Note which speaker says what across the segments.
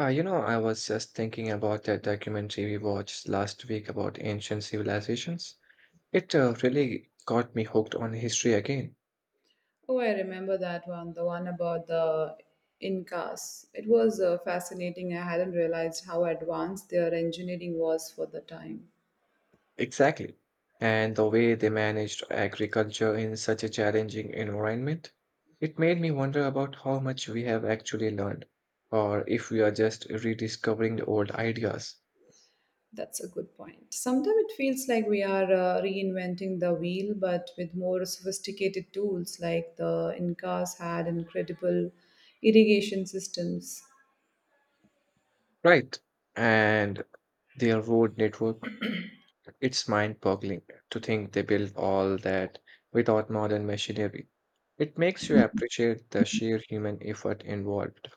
Speaker 1: I was just thinking about that documentary we watched last week about ancient civilizations. It really got me hooked on history again.
Speaker 2: Oh, I remember that one, the one about the Incas. It was fascinating. I hadn't realized how advanced their engineering was for the time.
Speaker 1: Exactly. And the way they managed agriculture in such a challenging environment, it made me wonder about how much we have actually learned, or if we are just rediscovering the old ideas.
Speaker 2: That's a good point. Sometimes it feels like we are reinventing the wheel, but with more sophisticated tools, like the Incas had incredible irrigation systems.
Speaker 1: Right. And their road network. It's mind boggling to think they built all that without modern machinery. It makes you appreciate the sheer human effort involved.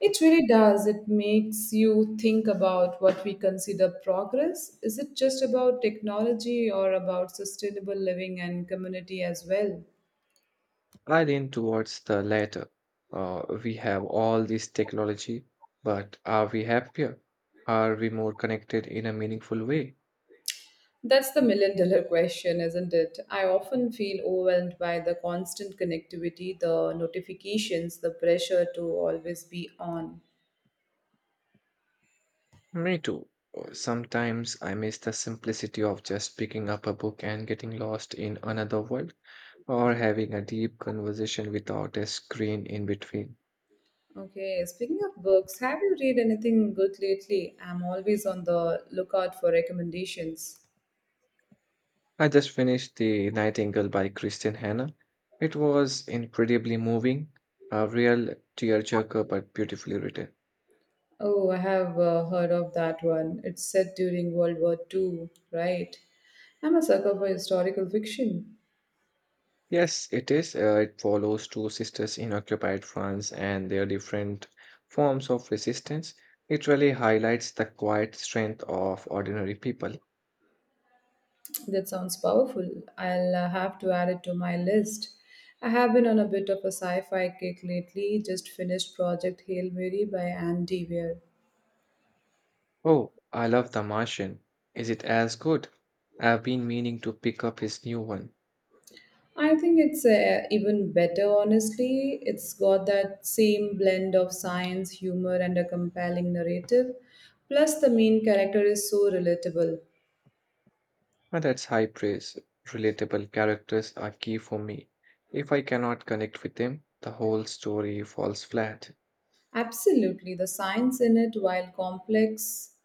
Speaker 2: It really does. It makes you think about what we consider progress. Is it just about technology or about sustainable living and community as well?
Speaker 1: I lean towards the latter. We have all this technology, but are we happier? Are we more connected in a meaningful way?
Speaker 2: That's the million dollar question, isn't it? I often feel overwhelmed by the constant connectivity, the notifications, the pressure to always be on.
Speaker 1: Me too. Sometimes I miss the simplicity of just picking up a book and getting lost in another world, or having a deep conversation without a screen in between.
Speaker 2: Okay, speaking of books, have you read anything good lately? I'm always on the lookout for recommendations.
Speaker 1: I just finished The Nightingale by Christian Hanna. It was incredibly moving, a real tearjerker, but beautifully written.
Speaker 2: Oh, I have heard of that one. It's set during World War Two, right? I'm a sucker for historical fiction.
Speaker 1: Yes, it is. It follows two sisters in occupied France and their different forms of resistance. It really highlights the quiet strength of ordinary people.
Speaker 2: That sounds powerful. I'll have to add it to my list. I have been on a bit of a sci fi kick lately, just finished Project Hail Mary by Andy Weir.
Speaker 1: Oh, I love The Martian. Is it as good? I've been meaning to pick up his new one.
Speaker 2: I think it's even better, honestly. It's got that same blend of science, humor, and a compelling narrative. Plus, the main character is so relatable.
Speaker 1: Now that's high praise. Relatable characters are key for me. If I cannot connect with them, the whole story falls flat.
Speaker 2: Absolutely. The science in it, while complex,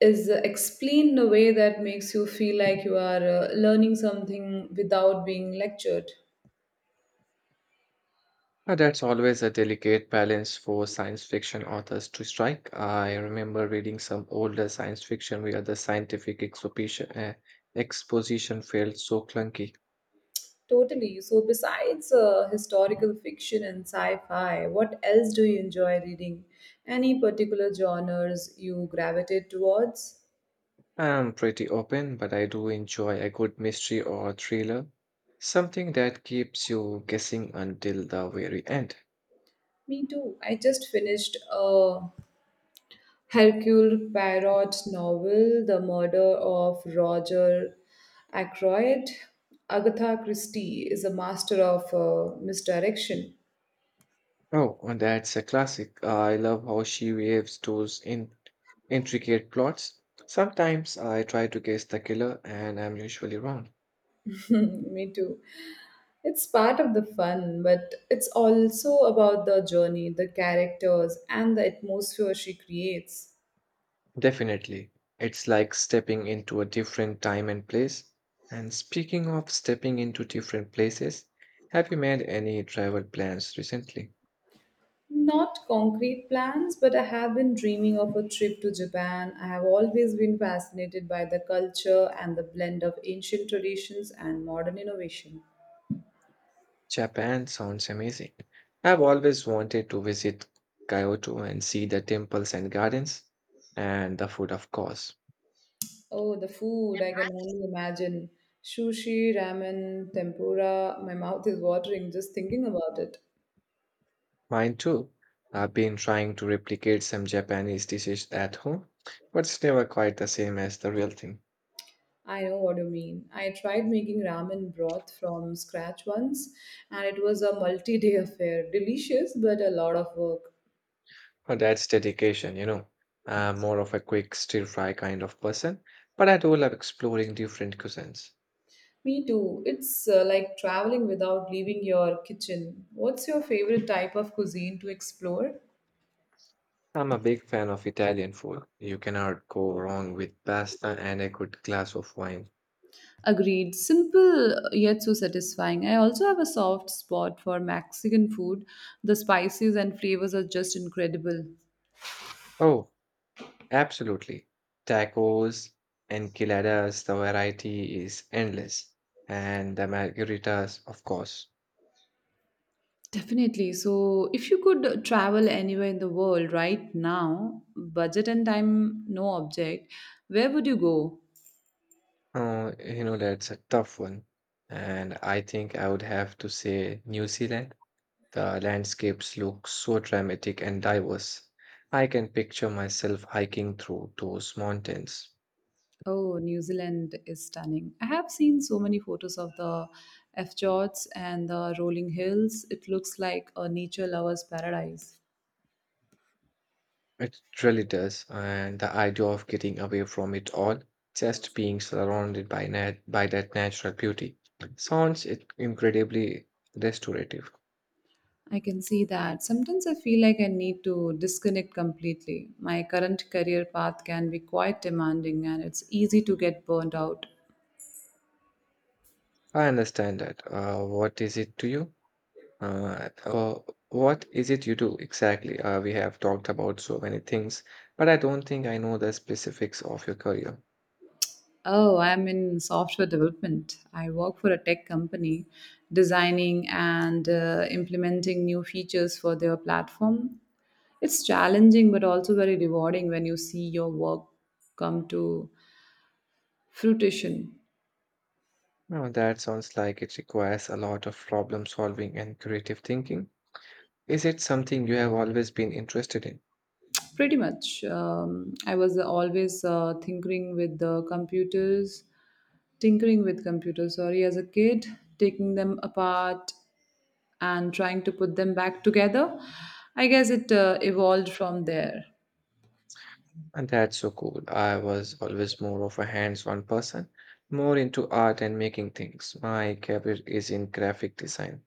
Speaker 2: is explained in a way that makes you feel like you are learning something without being lectured.
Speaker 1: Now that's always a delicate balance for science fiction authors to strike. I remember reading some older science fiction where the scientific exposition felt so clunky.
Speaker 2: Totally. So, besides historical fiction and sci fi, what else do you enjoy reading? Any particular genres you gravitate towards?
Speaker 1: I'm pretty open, but I do enjoy a good mystery or thriller, something that keeps you guessing until the very end.
Speaker 2: Me too. I just finished a Hercule Poirot's novel The Murder of Roger Ackroyd. Agatha Christie is a master of misdirection.
Speaker 1: Oh, and that's a classic. I love how she weaves those in intricate plots. Sometimes I try to guess the killer and I'm usually wrong.
Speaker 2: Me too. It's part of the fun, but it's also about the journey, the characters, and the atmosphere she creates.
Speaker 1: Definitely. It's like stepping into a different time and place. And speaking of stepping into different places, have you made any travel plans recently?
Speaker 2: Not concrete plans, but I have been dreaming of a trip to Japan. I have always been fascinated by the culture and the blend of ancient traditions and modern innovation.
Speaker 1: Japan sounds amazing. I've always wanted to visit Kyoto and see the temples and gardens, and the food, of course.
Speaker 2: Oh, the food, I can only imagine. Sushi, ramen, tempura. My mouth is watering just thinking about it.
Speaker 1: Mine too. I've been trying to replicate some Japanese dishes at home, but it's never quite the same as the real thing.
Speaker 2: I know what you mean. I tried making ramen broth from scratch once, and it was a multi day affair. Delicious, but a lot of work.
Speaker 1: But that's dedication, you know. I'm more of a quick stir fry kind of person, but I do love exploring different cuisines.
Speaker 2: Me too. It's like traveling without leaving your kitchen. What's your favorite type of cuisine to explore?
Speaker 1: I'm a big fan of Italian food. You cannot go wrong with pasta and a good glass of wine.
Speaker 2: Agreed. Simple yet so satisfying. I also have a soft spot for Mexican food. The spices and flavors are just incredible.
Speaker 1: Oh, absolutely. Tacos, enchiladas, the variety is endless. And the margaritas, of course.
Speaker 2: Definitely. So, if you could travel anywhere in the world right now, budget and time no object, where would you go?
Speaker 1: Oh, you know, that's a tough one. And I think I would have to say New Zealand. The landscapes look so dramatic and diverse. I can picture myself hiking through those mountains.
Speaker 2: Oh, New Zealand is stunning. I have seen so many photos of the fjords and the rolling hills. It looks like a nature lover's paradise.
Speaker 1: It really does. And the idea of getting away from it all, just being surrounded by nat by that natural beauty, sounds it incredibly restorative.
Speaker 2: I can see that. Sometimes I feel like I need to disconnect completely. My current career path can be quite demanding and it's easy to get burnt out.
Speaker 1: I understand that. What is it to you? Uh, uh, what is it you do exactly? We have talked about so many things, but I don't think I know the specifics of your career.
Speaker 2: Oh, I'm in software development. I work for a tech company designing and implementing new features for their platform. It's challenging but also very rewarding when you see your work come to fruition.
Speaker 1: Now, that sounds like it requires a lot of problem solving and creative thinking. Is it something you have always been interested in?
Speaker 2: Pretty much. I was always tinkering with computers, sorry, as a kid, taking them apart and trying to put them back together. I guess it evolved from there.
Speaker 1: And that's so cool. I was always more of a hands-on person, more into art and making things. My career is in graphic design.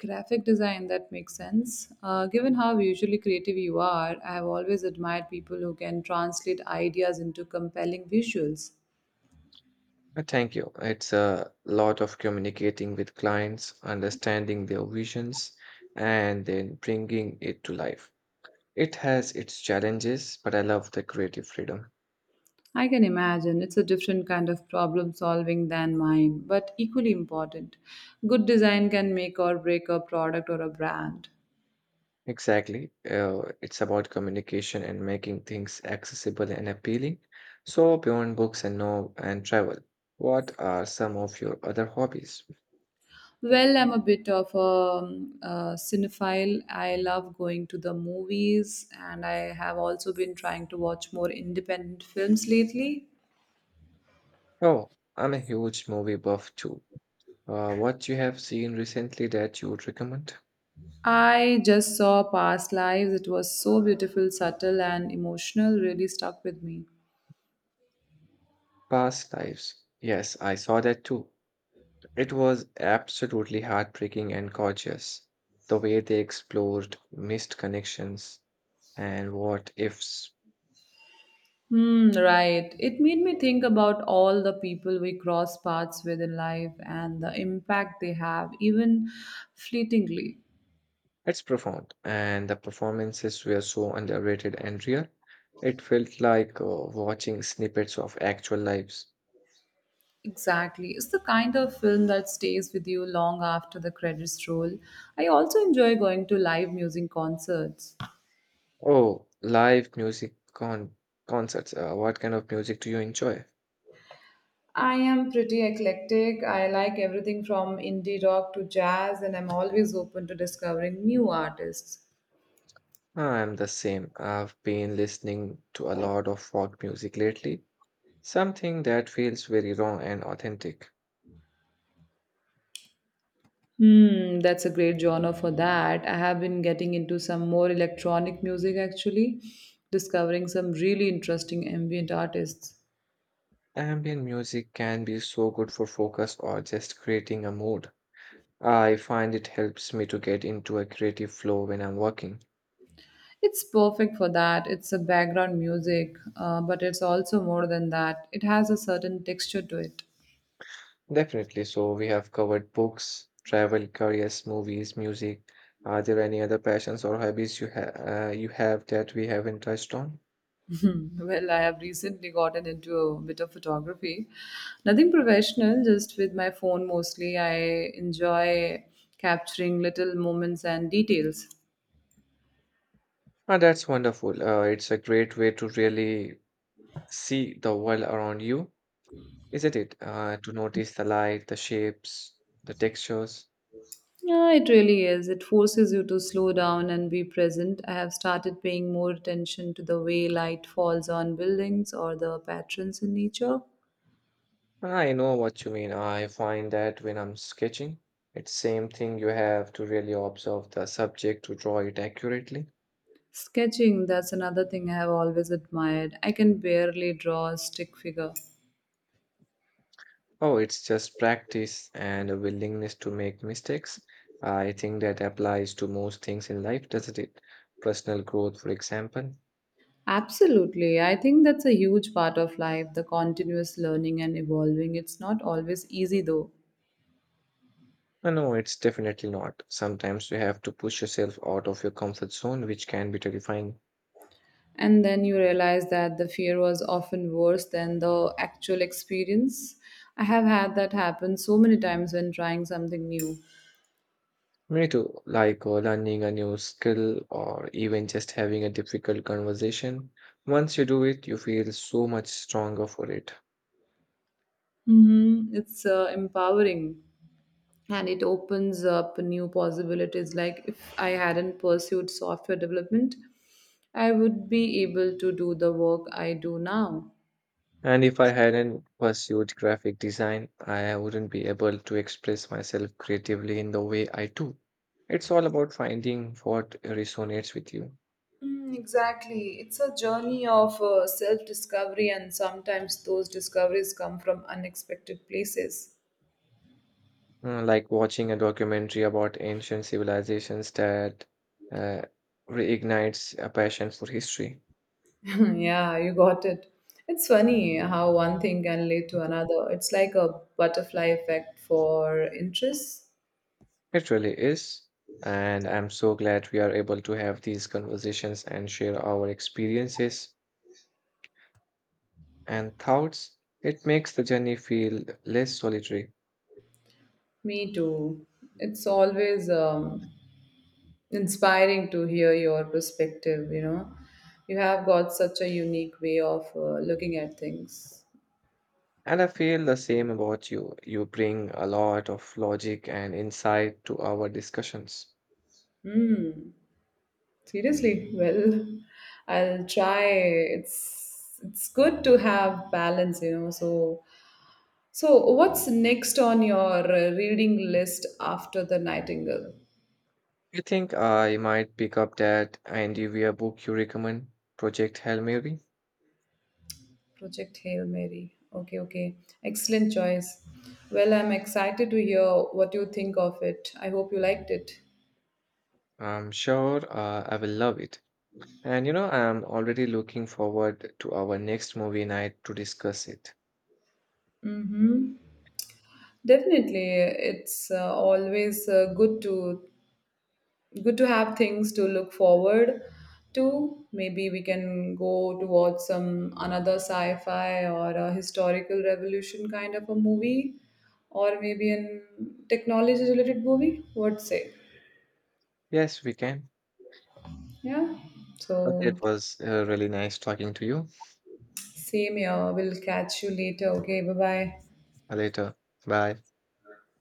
Speaker 2: Graphic design, that makes sense. Given how usually creative you are, I have always admired people who can translate ideas into compelling visuals.
Speaker 1: Thank you. It's a lot of communicating with clients, understanding their visions, and then bringing it to life. It has its challenges, but I love the creative freedom.
Speaker 2: I can imagine it's a different kind of problem solving than mine, but equally important. Good design can make or break a product or a brand.
Speaker 1: Exactly. It's about communication and making things accessible and appealing. So, beyond books and no and travel, what are some of your other hobbies?
Speaker 2: Well, I'm a bit of a cinephile. I love going to the movies, and I have also been trying to watch more independent films lately.
Speaker 1: Oh, I'm a huge movie buff too. What you have seen recently that you would recommend?
Speaker 2: I just saw Past Lives. It was so beautiful, subtle, and emotional, really stuck with me.
Speaker 1: Past lives. Yes, I saw that too. It was absolutely heartbreaking and gorgeous. The way they explored missed connections and what ifs.
Speaker 2: Hmm, right. It made me think about all the people we cross paths with in life and the impact they have, even fleetingly.
Speaker 1: It's profound, and the performances were so underrated and real. It felt like watching snippets of actual lives.
Speaker 2: Exactly. It's the kind of film that stays with you long after the credits roll. I also enjoy going to live music concerts.
Speaker 1: Oh, live music con concerts. What kind of music do you enjoy?
Speaker 2: I am pretty eclectic. I like everything from indie rock to jazz, and I'm always open to discovering new artists.
Speaker 1: I'm the same. I've been listening to a lot of folk music lately. Something that feels very raw and authentic.
Speaker 2: Hmm, that's a great genre for that. I have been getting into some more electronic music actually, discovering some really interesting ambient artists.
Speaker 1: Ambient music can be so good for focus or just creating a mood. I find it helps me to get into a creative flow when I'm working.
Speaker 2: It's perfect for that. It's a background music, but it's also more than that. It has a certain texture to it.
Speaker 1: Definitely. So, we have covered books, travel, careers, movies, music. Are there any other passions or hobbies you have that we haven't touched on?
Speaker 2: Hmm. Well, I have recently gotten into a bit of photography. Nothing professional, just with my phone mostly. I enjoy capturing little moments and details.
Speaker 1: Ah, that's wonderful. It's a great way to really see the world around you. Isn't it? To notice the light, the shapes, the textures.
Speaker 2: Yeah, it really is. It forces you to slow down and be present. I have started paying more attention to the way light falls on buildings or the patterns in nature.
Speaker 1: I know what you mean. I find that when I'm sketching, it's same thing. You have to really observe the subject to draw it accurately.
Speaker 2: Sketching, that's another thing I have always admired. I can barely draw a stick figure.
Speaker 1: Oh, it's just practice and a willingness to make mistakes. I think that applies to most things in life, doesn't it? Personal growth, for example.
Speaker 2: Absolutely. I think that's a huge part of life, the continuous learning and evolving. It's not always easy though.
Speaker 1: No, it's definitely not. Sometimes you have to push yourself out of your comfort zone, which can be terrifying.
Speaker 2: And then you realize that the fear was often worse than the actual experience. I have had that happen so many times when trying something new.
Speaker 1: Me too, like learning a new skill or even just having a difficult conversation. Once you do it, you feel so much stronger for it.
Speaker 2: It's empowering and it opens up new possibilities. Like if I hadn't pursued software development, I would be able to do the work I do now.
Speaker 1: And if I hadn't pursued graphic design, I wouldn't be able to express myself creatively in the way I do. It's all about finding what resonates with you.
Speaker 2: Mm, exactly. It's a journey of self discovery, and sometimes those discoveries come from unexpected places.
Speaker 1: Like watching a documentary about ancient civilizations that uh, reignites a passion for history.
Speaker 2: Yeah, you got it. It's funny how one thing can lead to another. It's like a butterfly effect for interests.
Speaker 1: It really is. And I'm so glad we are able to have these conversations and share our experiences and thoughts. It makes the journey feel less solitary.
Speaker 2: Me too. It's always inspiring to hear your perspective, you know. You have got such a unique way of looking at things.
Speaker 1: And I feel the same about you. You bring a lot of logic and insight to our discussions.
Speaker 2: Seriously, well, I'll try. It's good to have balance, you know. So what's next on your reading list after the Nightingale?
Speaker 1: I think I might pick up that Andy Weir book you recommend, Project Hail Mary.
Speaker 2: Project Hail Mary. Okay, okay. Excellent choice. Well, I'm excited to hear what you think of it. I hope you liked it.
Speaker 1: I'm sure I will love it. And you know, I'm already looking forward to our next movie night to discuss it.
Speaker 2: Mm-hmm. Definitely, it's always good to good to have things to look forward to. Maybe we can go towards some another sci-fi or a historical revolution kind of a movie, or maybe an technology-related movie. What say?
Speaker 1: Yes, we can.
Speaker 2: Yeah.
Speaker 1: Okay, it
Speaker 2: So
Speaker 1: was really nice talking to you.
Speaker 2: same here. We'll catch you later. Okay, bye bye.
Speaker 1: Later. Bye.